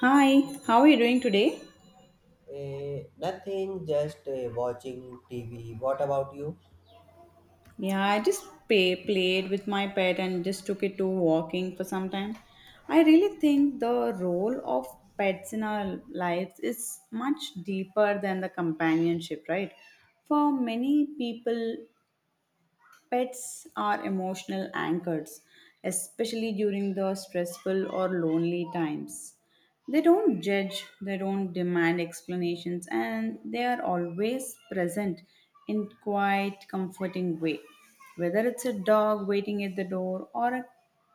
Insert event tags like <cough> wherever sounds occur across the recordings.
Hi, how are you doing today? Nothing, just watching TV. What about you? Yeah, I just played with my pet and just took it to walking for some time. I really think the role of pets in our lives is much deeper than the companionship, right? For many people, pets are emotional anchors, especially during the stressful or lonely times. They don't judge, they don't demand explanations, and they are always present in quite comforting way. Whether it's a dog waiting at the door or a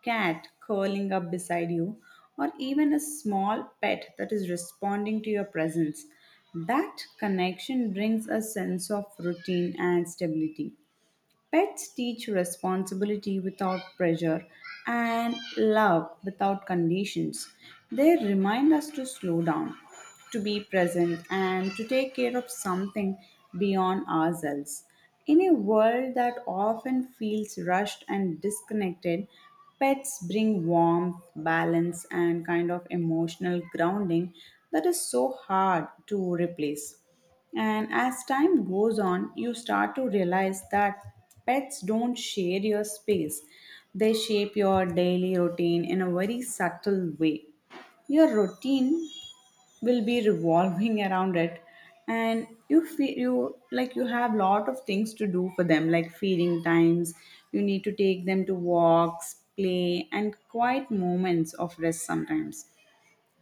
cat curling up beside you or even a small pet that is responding to your presence, that connection brings a sense of routine and stability. Pets teach responsibility without pressure and love without conditions. They remind us to slow down, to be present, and to take care of something beyond ourselves. In a world that often feels rushed and disconnected, pets bring warmth, balance, and kind of emotional grounding that is so hard to replace. And as time goes on, you start to realize that pets don't share your space. They shape your daily routine in a very subtle way. Your routine will be revolving <laughs> around it, and you feel you like you have lot of things to do for them, like feeding times, you need to take them to walks, play, and quiet moments of rest. Sometimes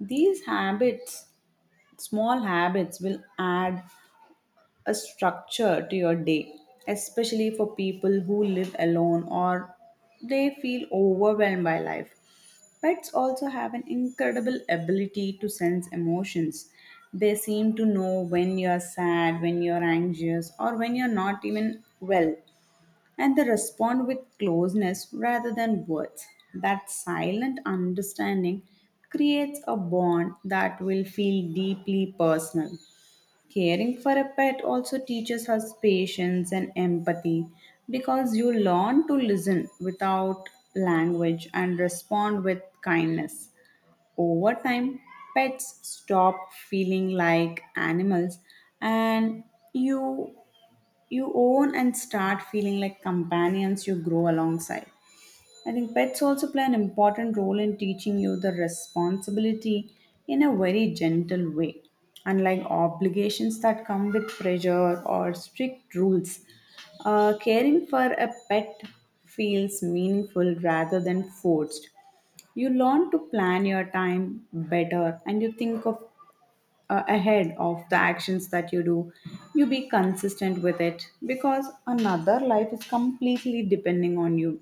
these habits, small habits, will add a structure to your day, especially for people who live alone or they feel overwhelmed by life. Pets also have an incredible ability to sense emotions. They seem to know when you're sad, when you're anxious, or when you're not even well. And they respond with closeness rather than words. That silent understanding creates a bond that will feel deeply personal. Caring for a pet also teaches us patience and empathy because you learn to listen without language and respond with kindness. Over time, pets stop feeling like animals and you you own and start feeling like companions you grow alongside. I think pets also play an important role in teaching you the responsibility in a very gentle way. Unlike obligations that come with pressure or strict rules, caring for a pet feels meaningful rather than forced. You learn to plan your time better and you think of ahead of the actions that you do. You be consistent with it because another life is completely depending on you.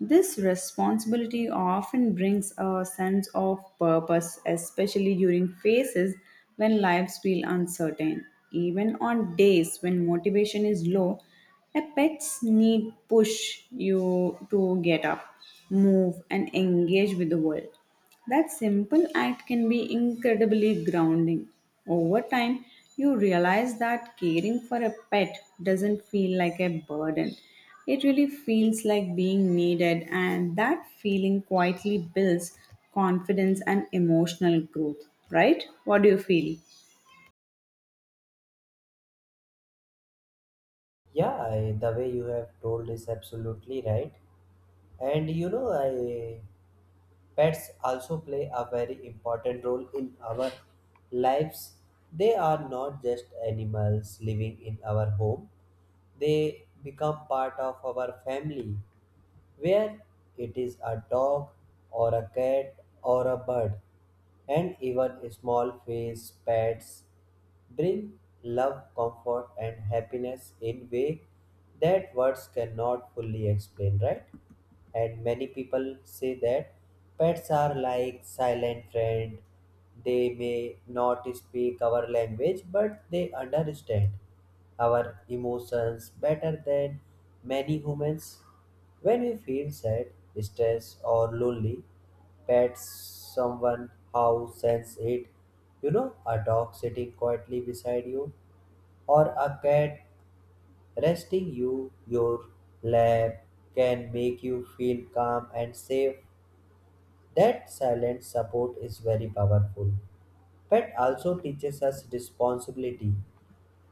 This responsibility often brings a sense of purpose, especially during phases when lives feel uncertain. Even on days when motivation is low, a pet's need push you to get up, move, and engage with the world. That simple act can be incredibly grounding. Over time, you realize that caring for a pet doesn't feel like a burden. It really feels like being needed, and that feeling quietly builds confidence and emotional growth, right? What do you feel? Yeah, the way you have told is absolutely right. And you know, I pets also play a very important role in our lives. They are not just animals living in our home. They become part of our family. Where it is a dog or a cat or a bird, and even small face pets bring love, comfort, and happiness in way that words cannot fully explain, right? And many people say that pets are like silent friend. They may not speak our language, but they understand our emotions better than many humans. When we feel sad, stressed, or lonely, pet someone how sense it. You know, a dog sitting quietly beside you, or a cat resting you your lap can make you feel calm and safe. That silent support is very powerful. Pet also teaches us responsibility.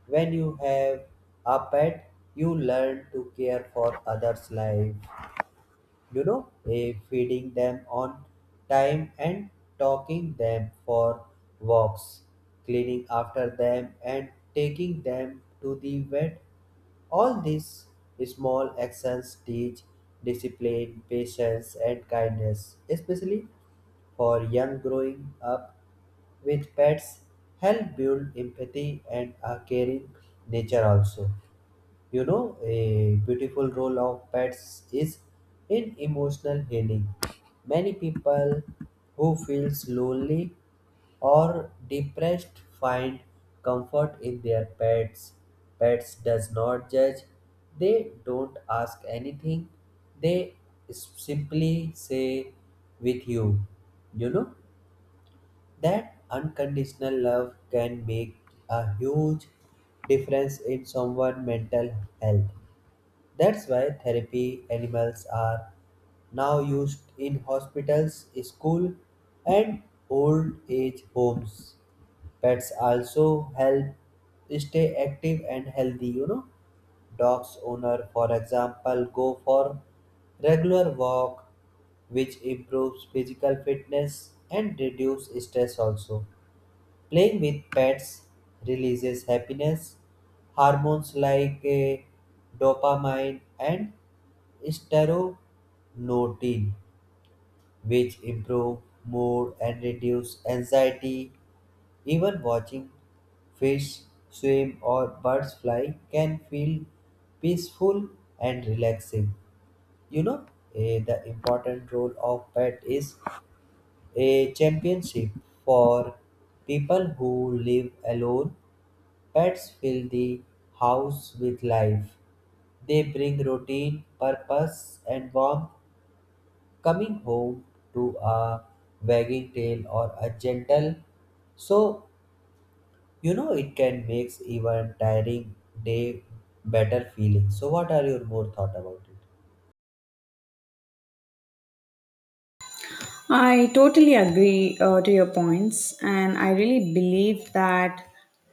When you have a pet, you learn to care for others' life, feeding them on time and talking them for walks, cleaning after them and taking them to the vet. All these small actions teach discipline, patience and kindness, especially for young growing up with pets, help build empathy and a caring nature also. You know, a beautiful role of pets is in emotional healing. Many people who feels lonely or depressed find comfort in their pets. Pets does not judge. They don't ask anything. They simply say with you. You know, that unconditional love can make a huge difference in someone's mental health. That's why therapy animals are now used in hospitals, school, and old age homes. Pets also help stay active and healthy, you know. Dogs owner, for example, go for regular walk, which improves physical fitness and reduce stress also. Playing with pets releases happiness hormones like dopamine and Staronotin, which improve mood and reduce anxiety. Even watching fish swim or birds fly can feel peaceful and relaxing. You know, the important role of pet is a championship for people who live alone. Pets fill the house with life. They bring routine, purpose, and warmth. Coming home to a wagging tail or a gentle so, you know, it can makes even tiring day better feeling. So what are your more thought about it? I totally agree to your points, and I really believe that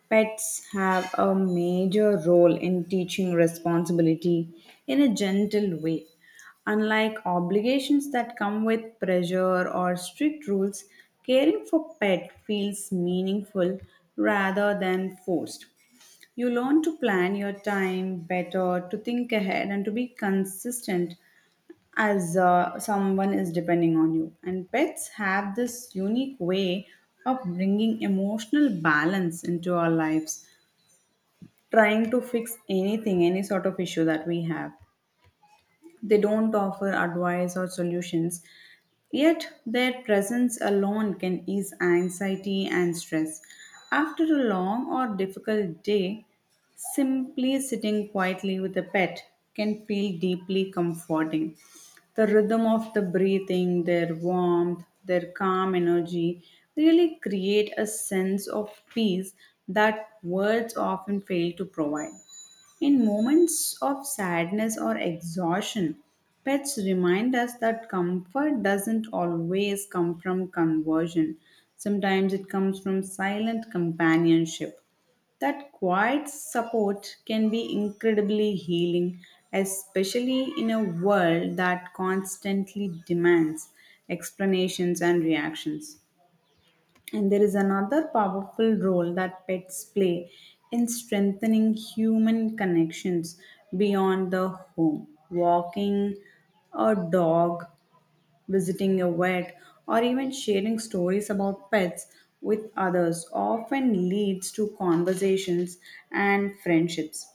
pets have a major role in teaching responsibility in a gentle way. Unlike obligations that come with pressure or strict rules, caring for pet feels meaningful rather than forced. You learn to plan your time better, to think ahead, and to be consistent as someone is depending on you. And pets have this unique way of bringing emotional balance into our lives, trying to fix anything, any sort of issue that we have. They don't offer advice or solutions, yet, their presence alone can ease anxiety and stress. After a long or difficult day, simply sitting quietly with a pet can feel deeply comforting. The rhythm of the breathing, their warmth, their calm energy really create a sense of peace that words often fail to provide. In moments of sadness or exhaustion, pets remind us that comfort doesn't always come from conversion. Sometimes it comes from silent companionship. That quiet support can be incredibly healing, especially in a world that constantly demands explanations and reactions. And there is another powerful role that pets play in strengthening human connections beyond the home. Walking a dog, visiting a vet, or even sharing stories about pets with others often leads to conversations and friendships.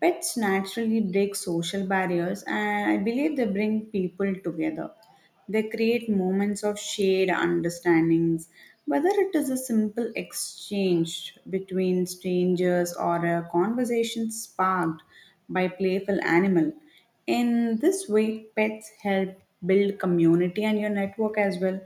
Pets naturally break social barriers, and I believe they bring people together. They create moments of shared understandings, whether it is a simple exchange between strangers or a conversation sparked by playful animal. In this way, pets help build community and your network as well.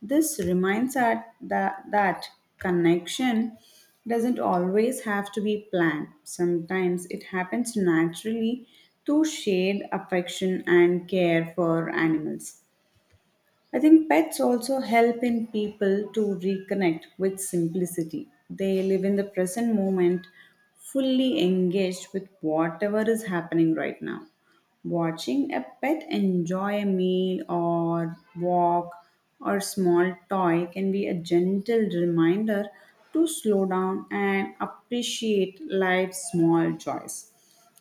This reminds us that, connection doesn't always have to be planned. Sometimes it happens naturally through shared affection and care for animals. I think pets also help in people to reconnect with simplicity. They live in the present moment, fully engaged with whatever is happening right now. Watching a pet enjoy a meal or walk or small toy can be a gentle reminder to slow down and appreciate life's small joys.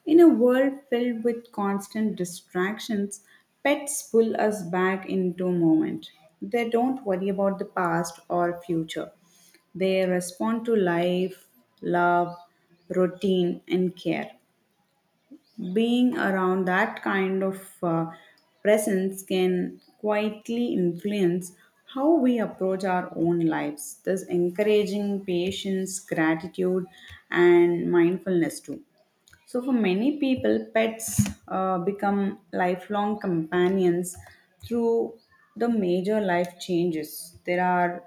In a world filled with constant distractions, pets pull us back into moment. They don't worry about the past or future. They respond to life, love, routine, and care. Being around that kind of presence can quietly influence how we approach our own lives, thus encouraging patience, gratitude, and mindfulness too. So, for many people, pets become lifelong companions through the major life changes. There are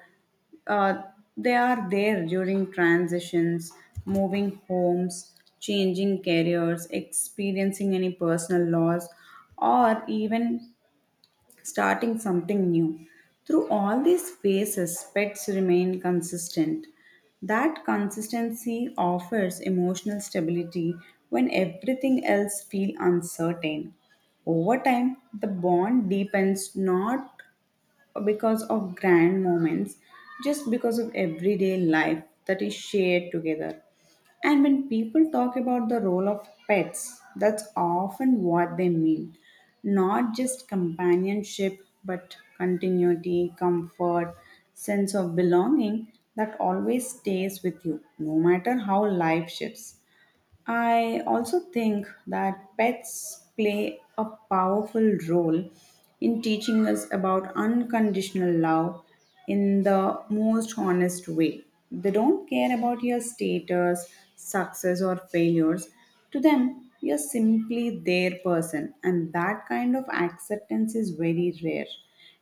uh, they are there during transitions, moving homes, changing careers, experiencing any personal loss, or even starting something new. Through all these phases, pets remain consistent. That consistency offers emotional stability when everything else feels uncertain. Over time, the bond deepens not because of grand moments, just because of everyday life that is shared together. And when people talk about the role of pets, that's often what they mean. Not just companionship, but continuity, comfort, sense of belonging that always stays with you, no matter how life shifts. I also think that pets play a powerful role in teaching us about unconditional love in the most honest way. They don't care about your status, success, or failures. To them, you're simply their person, and that kind of acceptance is very rare,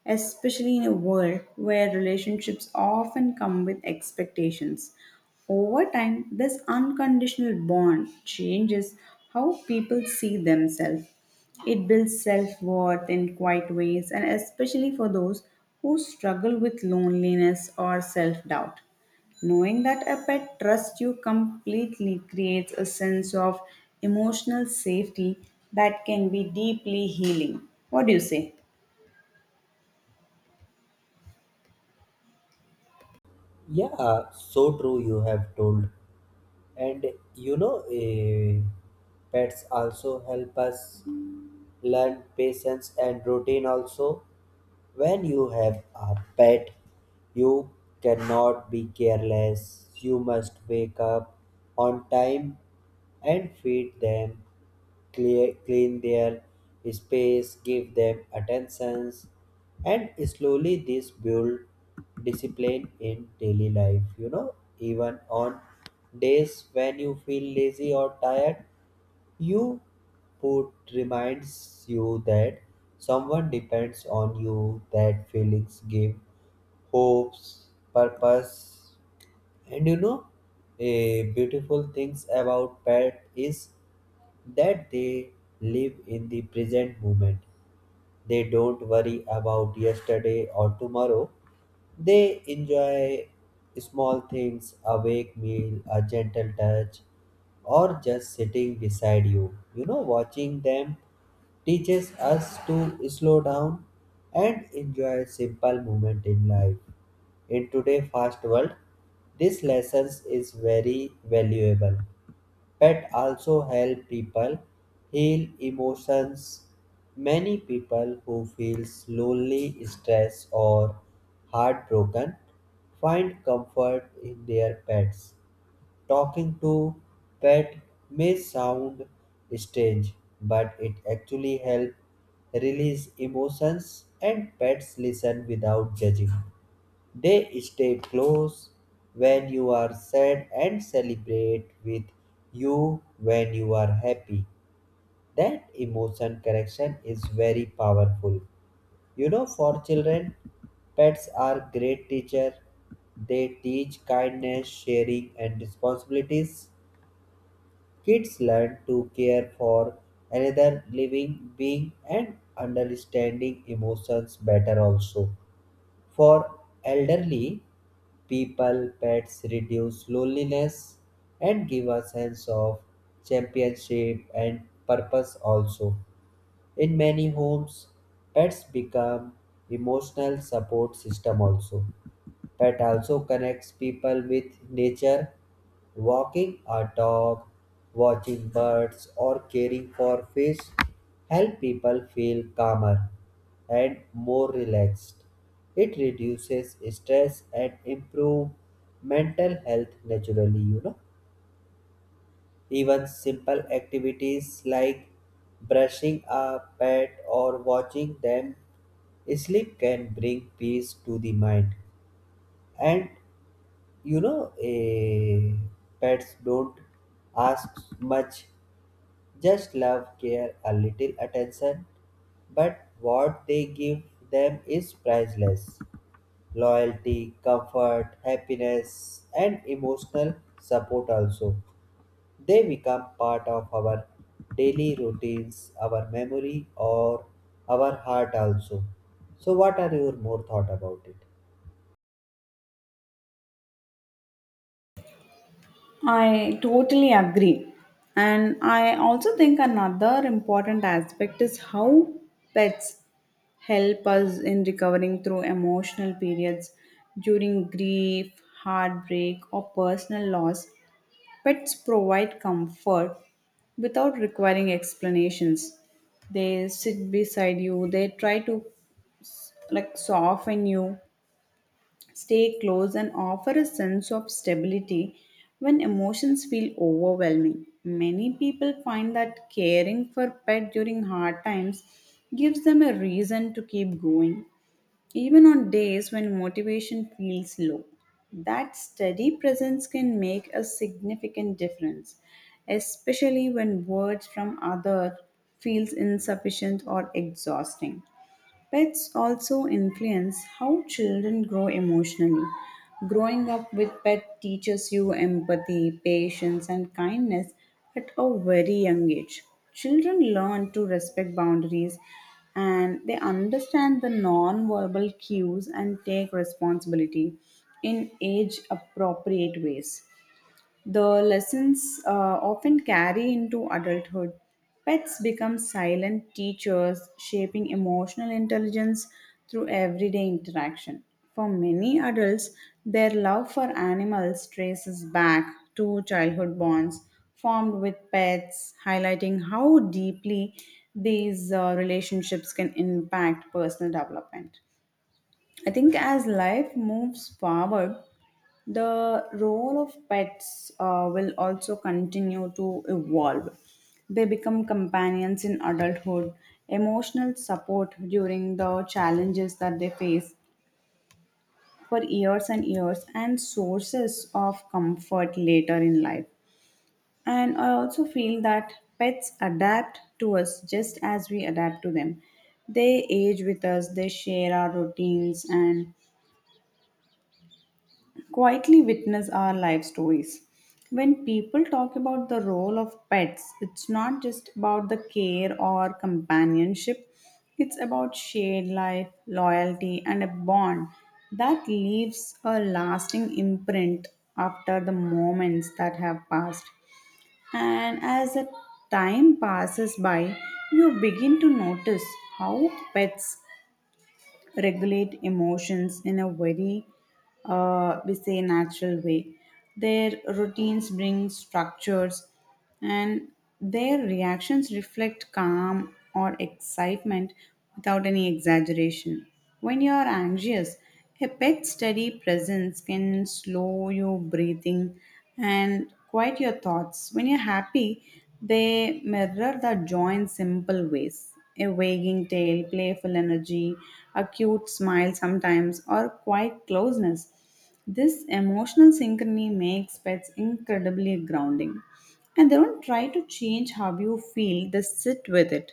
especially in a world where relationships often come with expectations. Over time, this unconditional bond changes how people see themselves. It builds self worth in quiet ways, and especially for those who struggle with loneliness or self doubt. Knowing that a pet trusts you completely creates a sense of emotional safety that can be deeply healing. What do you say? Yeah, so true you have told. And you know eh, pets also help us learn patience and routine also. When you have a pet, you cannot be careless. You must wake up on time and feed them, clean their space, give them attentions, and slowly this build discipline in daily life. You know, even on days when you feel lazy or tired, you put reminds you that someone depends on you, that feelings give hopes, purpose, and you know, a beautiful things about pet is that they live in the present moment. They don't worry about yesterday or tomorrow. They enjoy small things, a wake meal, a gentle touch, or just sitting beside you. You know, watching them teaches us to slow down and enjoy simple moment in life. In today's fast world, this lesson is very valuable. Pet also help people heal emotions. Many people who feel lonely, stressed or heartbroken find comfort in their pets. Talking to pet may sound strange, but it actually helps release emotions, and pets listen without judging. They stay close when you are sad and celebrate with you when you are happy. That emotion connection is very powerful. You know, for children, pets are great teacher. They teach kindness, sharing, and responsibilities. Kids learn to care for another living being and understanding emotions better also. For elderly, people, pets reduce loneliness and give a sense of championship and purpose also. In many homes, pets become emotional support system also. Pet also connects people with nature. Walking a dog, watching birds, or caring for fish help people feel calmer and more relaxed. It reduces stress and improve mental health naturally, you know. Even simple activities like brushing a pet or watching them sleep can bring peace to the mind. And you know eh, pets don't ask much, just love, care, a little attention, but what they give them is priceless, loyalty, comfort, happiness and emotional support also. They become part of our daily routines, our memory or our heart also. So what are your more thought about it? I totally agree. And I also think another important aspect is how pets help us in recovering through emotional periods during grief, heartbreak, or personal loss. Pets provide comfort without requiring explanations. They sit beside you, they try to like soften you, stay close, and offer a sense of stability when emotions feel overwhelming. Many people find that caring for pet during hard times gives them a reason to keep going even on days when motivation feels low. That steady presence can make a significant difference, especially when words from others feels insufficient or exhausting. Pets also influence how children grow emotionally. Growing up with pet teaches you empathy, patience, and kindness at a very young age. Children learn to respect boundaries, and they understand the non-verbal cues and take responsibility in age appropriate ways. The lessons often carry into adulthood. Pets become silent teachers, shaping emotional intelligence through everyday interaction. For many adults, their love for animals traces back to childhood bonds formed with pets, highlighting how deeply these relationships can impact personal development. I think as life moves forward, the role of pets will also continue to evolve. They become companions in adulthood, emotional support during the challenges that they face for years and years, and sources of comfort later in life. And I also feel that pets adapt to us just as we adapt to them. They age with us, they share our routines and quietly witness our life stories. When people talk about the role of pets, it's not just about the care or companionship, it's about shared life, loyalty, and a bond that leaves a lasting imprint after the moments that have passed. And as the time passes by, you begin to notice how pets regulate emotions in a very we say natural way. Their routines bring structures, and their reactions reflect calm or excitement without any exaggeration. When you are anxious, a pet steady presence can slow your breathing and quiet your thoughts. When you're happy, they mirror the joy in simple ways. A wagging tail, playful energy, a cute smile sometimes, or quiet closeness. This emotional synchrony makes pets incredibly grounding. And they don't try to change how you feel, they sit with it.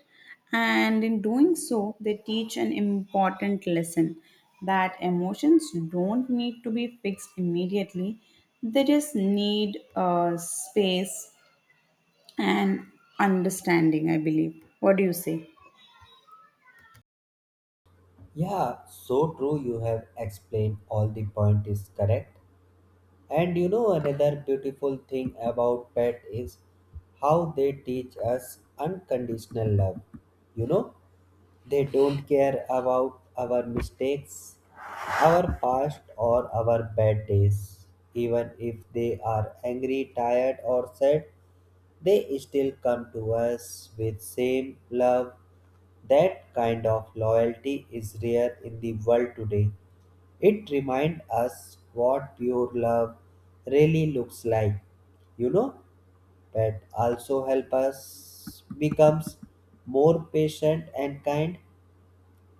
And in doing so, they teach an important lesson that emotions don't need to be fixed immediately, they just need space and understanding, I believe. What do you say? Yeah, so true. You have explained all the point is correct. And you know another beautiful thing about pet is how they teach us unconditional love. You know, they don't care about our mistakes, our past or our bad days. Even if they are angry, tired or sad, they still come to us with same love. That kind of loyalty is rare in the world today. It reminds us what pure love really looks like. You know, that also help us becomes more patient and kind.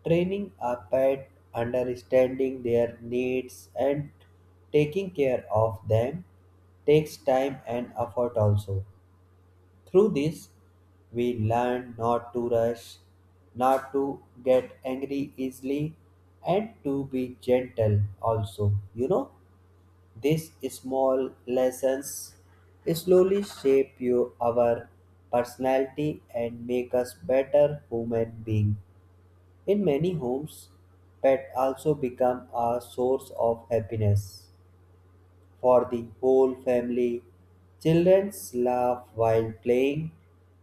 Training a pet, understanding their needs and taking care of them takes time and effort also. Through this, we learn not to rush, not to get angry easily, and to be gentle also. You know, these small lessons slowly shape you, our personality and make us better human being. In many homes, pet also become a source of happiness for the whole family. Children laugh while playing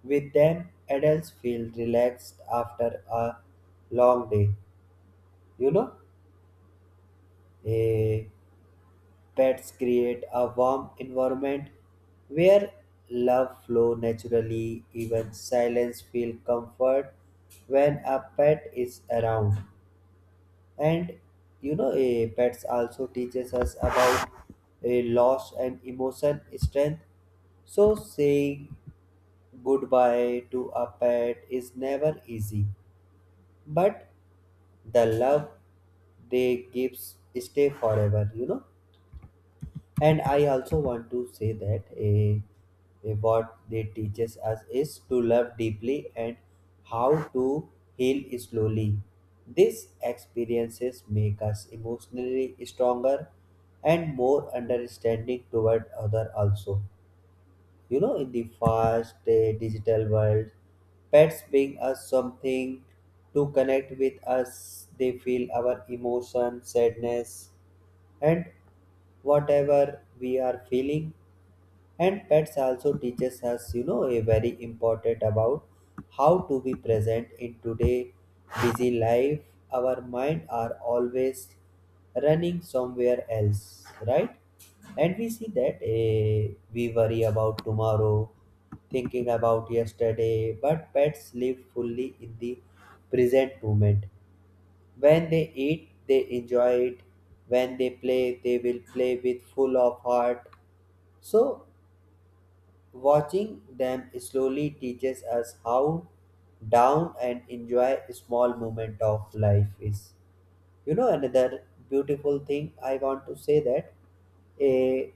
with them. Adults feel relaxed after a long day. You know, eh, Pets create a warm environment where love flow naturally. Even silence feel comfort when a pet is around. And pets also teaches us about a loss and emotion strength. So saying goodbye to a pet is never easy, but the love they gives stay forever, you know. And I also want to say that what they teaches us is to love deeply and how to heal slowly. These experiences make us emotionally stronger and more understanding toward other also. You know, in the fast digital world, pets bring us something to connect with us. They feel our emotion, sadness, and whatever we are feeling. And pets also teaches us, you know, a very important about how to be present. In today busy life, our mind are always running somewhere else, right? And we see that, we worry about tomorrow, thinking about yesterday, but pets live fully in the present moment. When they eat, they enjoy it. When they play, they will play with full of heart. So, watching them slowly teaches us how down and enjoy small moment of life is. You know, another beautiful thing I want to say that a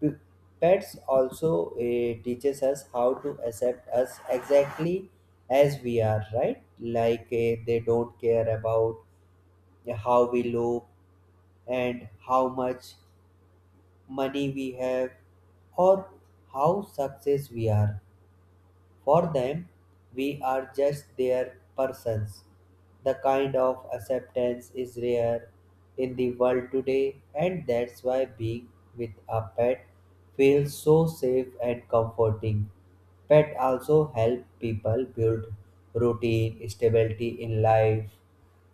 b- pets also teaches us how to accept us exactly as we are, right? Like, they don't care about, yeah, how we look and how much money we have, or how success we are. For them, we are just their persons. The kind of acceptance is rare in the world today, and that's why being with a pet feels so safe and comforting. Pet also help people build routine, stability in life,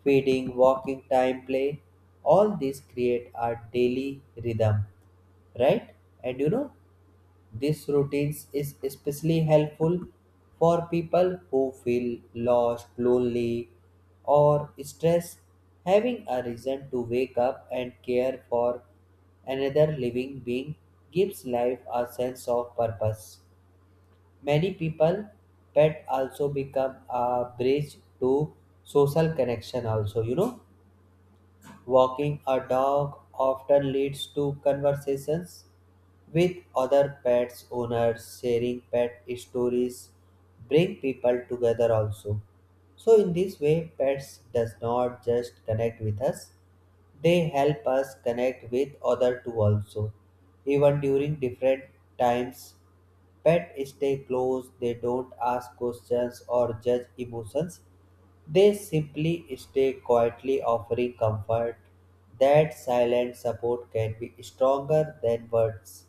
feeding, walking, time, play. All these create a daily rhythm, right? And you know, this routines is especially helpful for people who feel lost, lonely, or stressed. Having a reason to wake up and care for another living being gives life a sense of purpose. Many people pet also become a bridge to social connection also, you know. Walking a dog often leads to conversations with other pets owners. Sharing pet stories bring people together also. So in this way pets does not just connect with us, they help us connect with other too also. Even during different times, pet stay close, they don't ask questions or judge emotions, they simply stay quietly offering comfort. That silent support can be stronger than words.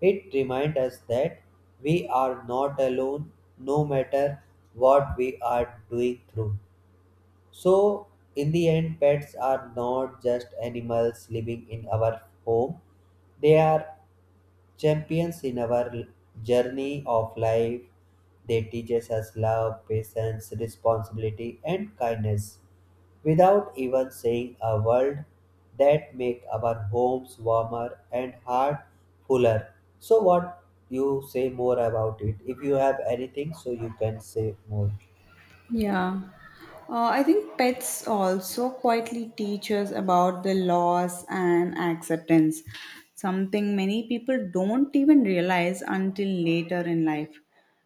It reminds us that we are not alone, no matter what we are doing through. So, in the end, pets are not just animals living in our home, they are champions in our journey of life. They teach us love, patience, responsibility, and kindness without even saying a word that make our homes warmer and heart fuller. So what you say more about it? If you have anything, so you can say more. Yeah. I think pets also quietly teach us about the loss and acceptance, something many people don't even realize until later in life.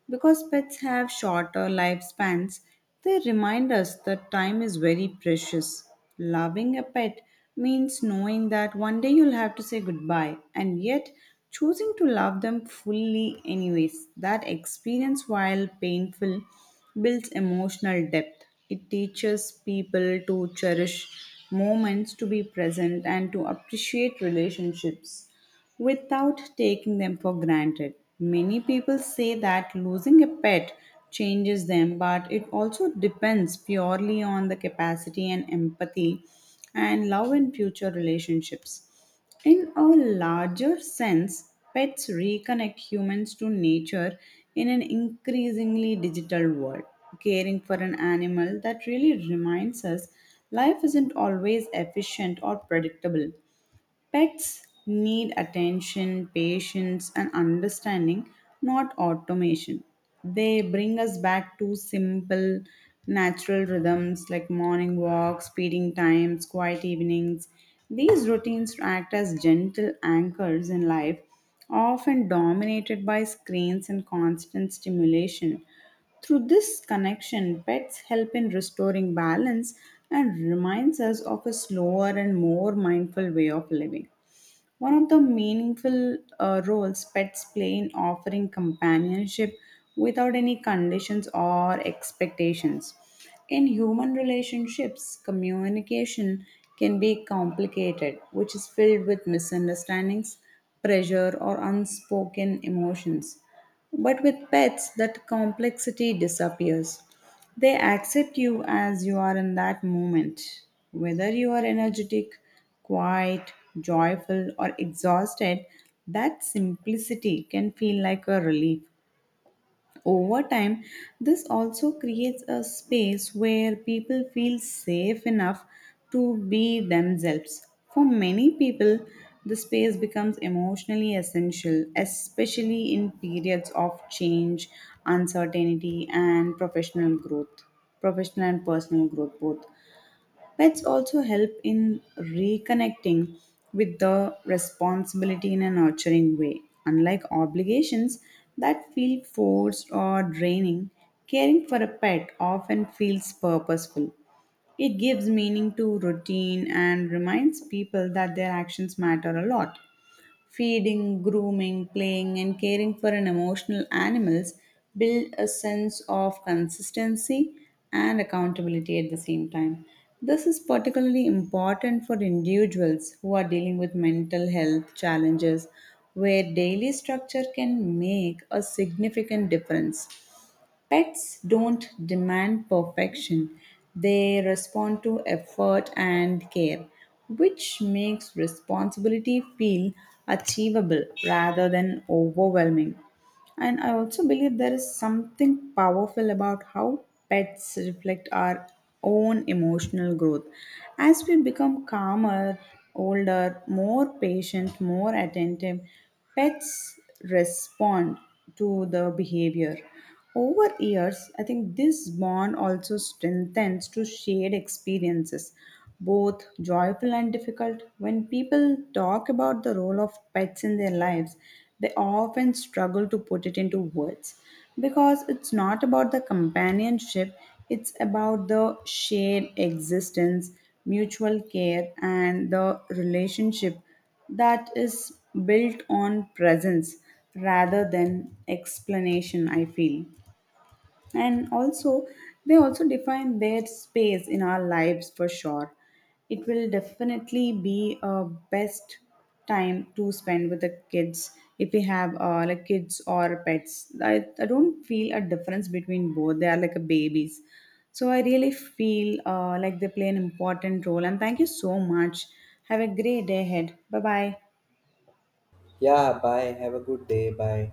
Because pets have shorter lifespans, they remind us that time is very precious. Loving a pet means knowing that one day you'll have to say goodbye, and yet choosing to love them fully anyways. That experience, while painful, builds emotional depth. It teaches people to cherish moments, to be present, and to appreciate relationships without taking them for granted. Many people say that losing a pet changes them, but it also depends purely on the capacity and empathy and love in future relationships. In a larger sense, pets reconnect humans to nature in an increasingly digital world. Caring for an animal that really reminds us life isn't always efficient or predictable. Pets need attention, patience, and understanding, not automation. They bring us back to simple, natural rhythms like morning walks, feeding times, quiet evenings. These routines act as gentle anchors in life, often dominated by screens and constant stimulation. Through this connection, pets help in restoring balance and reminds us of a slower and more mindful way of living. One of the meaningful roles pets play in offering companionship without any conditions or expectations. In human relationships, communication can be complicated, which is filled with misunderstandings, pressure, or unspoken emotions. But with pets, that complexity disappears. They accept you as you are in that moment. Whether you are energetic, quiet, joyful, or exhausted, that simplicity can feel like a relief. Over time, this also creates a space where people feel safe enough to be themselves. For many people, the space becomes emotionally essential, especially in periods of change, uncertainty, and professional growth, professional and personal growth both. Pets also help in reconnecting with the responsibility in a nurturing way. Unlike obligations that feel forced or draining, caring for a pet often feels purposeful. It gives meaning to routine and reminds people that their actions matter a lot. Feeding, grooming, playing, and caring for an emotional animals build a sense of consistency and accountability at the same time. This is particularly important for individuals who are dealing with mental health challenges, where daily structure can make a significant difference. Pets don't demand perfection, they respond to effort and care, which makes responsibility feel achievable rather than overwhelming. And I also believe there is something powerful about how pets reflect our own emotional growth. As we become calmer, older, more patient, more attentive, pets respond to the behavior. Over years, I think this bond also strengthens to shared experiences, both joyful and difficult. When people talk about the role of pets in their lives, they often struggle to put it into words because it's not about the companionship, it's about the shared existence, mutual care, and the relationship that is built on presence rather than explanation, I feel. And also, they also define their space in our lives for sure. It will definitely be a best time to spend with the kids if we have, like, kids or pets. I don't feel a difference between both, they are like a babies. So I really feel, like, they play an important role, and thank you so much. Have a great day ahead. Bye bye. Yeah, bye. Have a good day. Bye.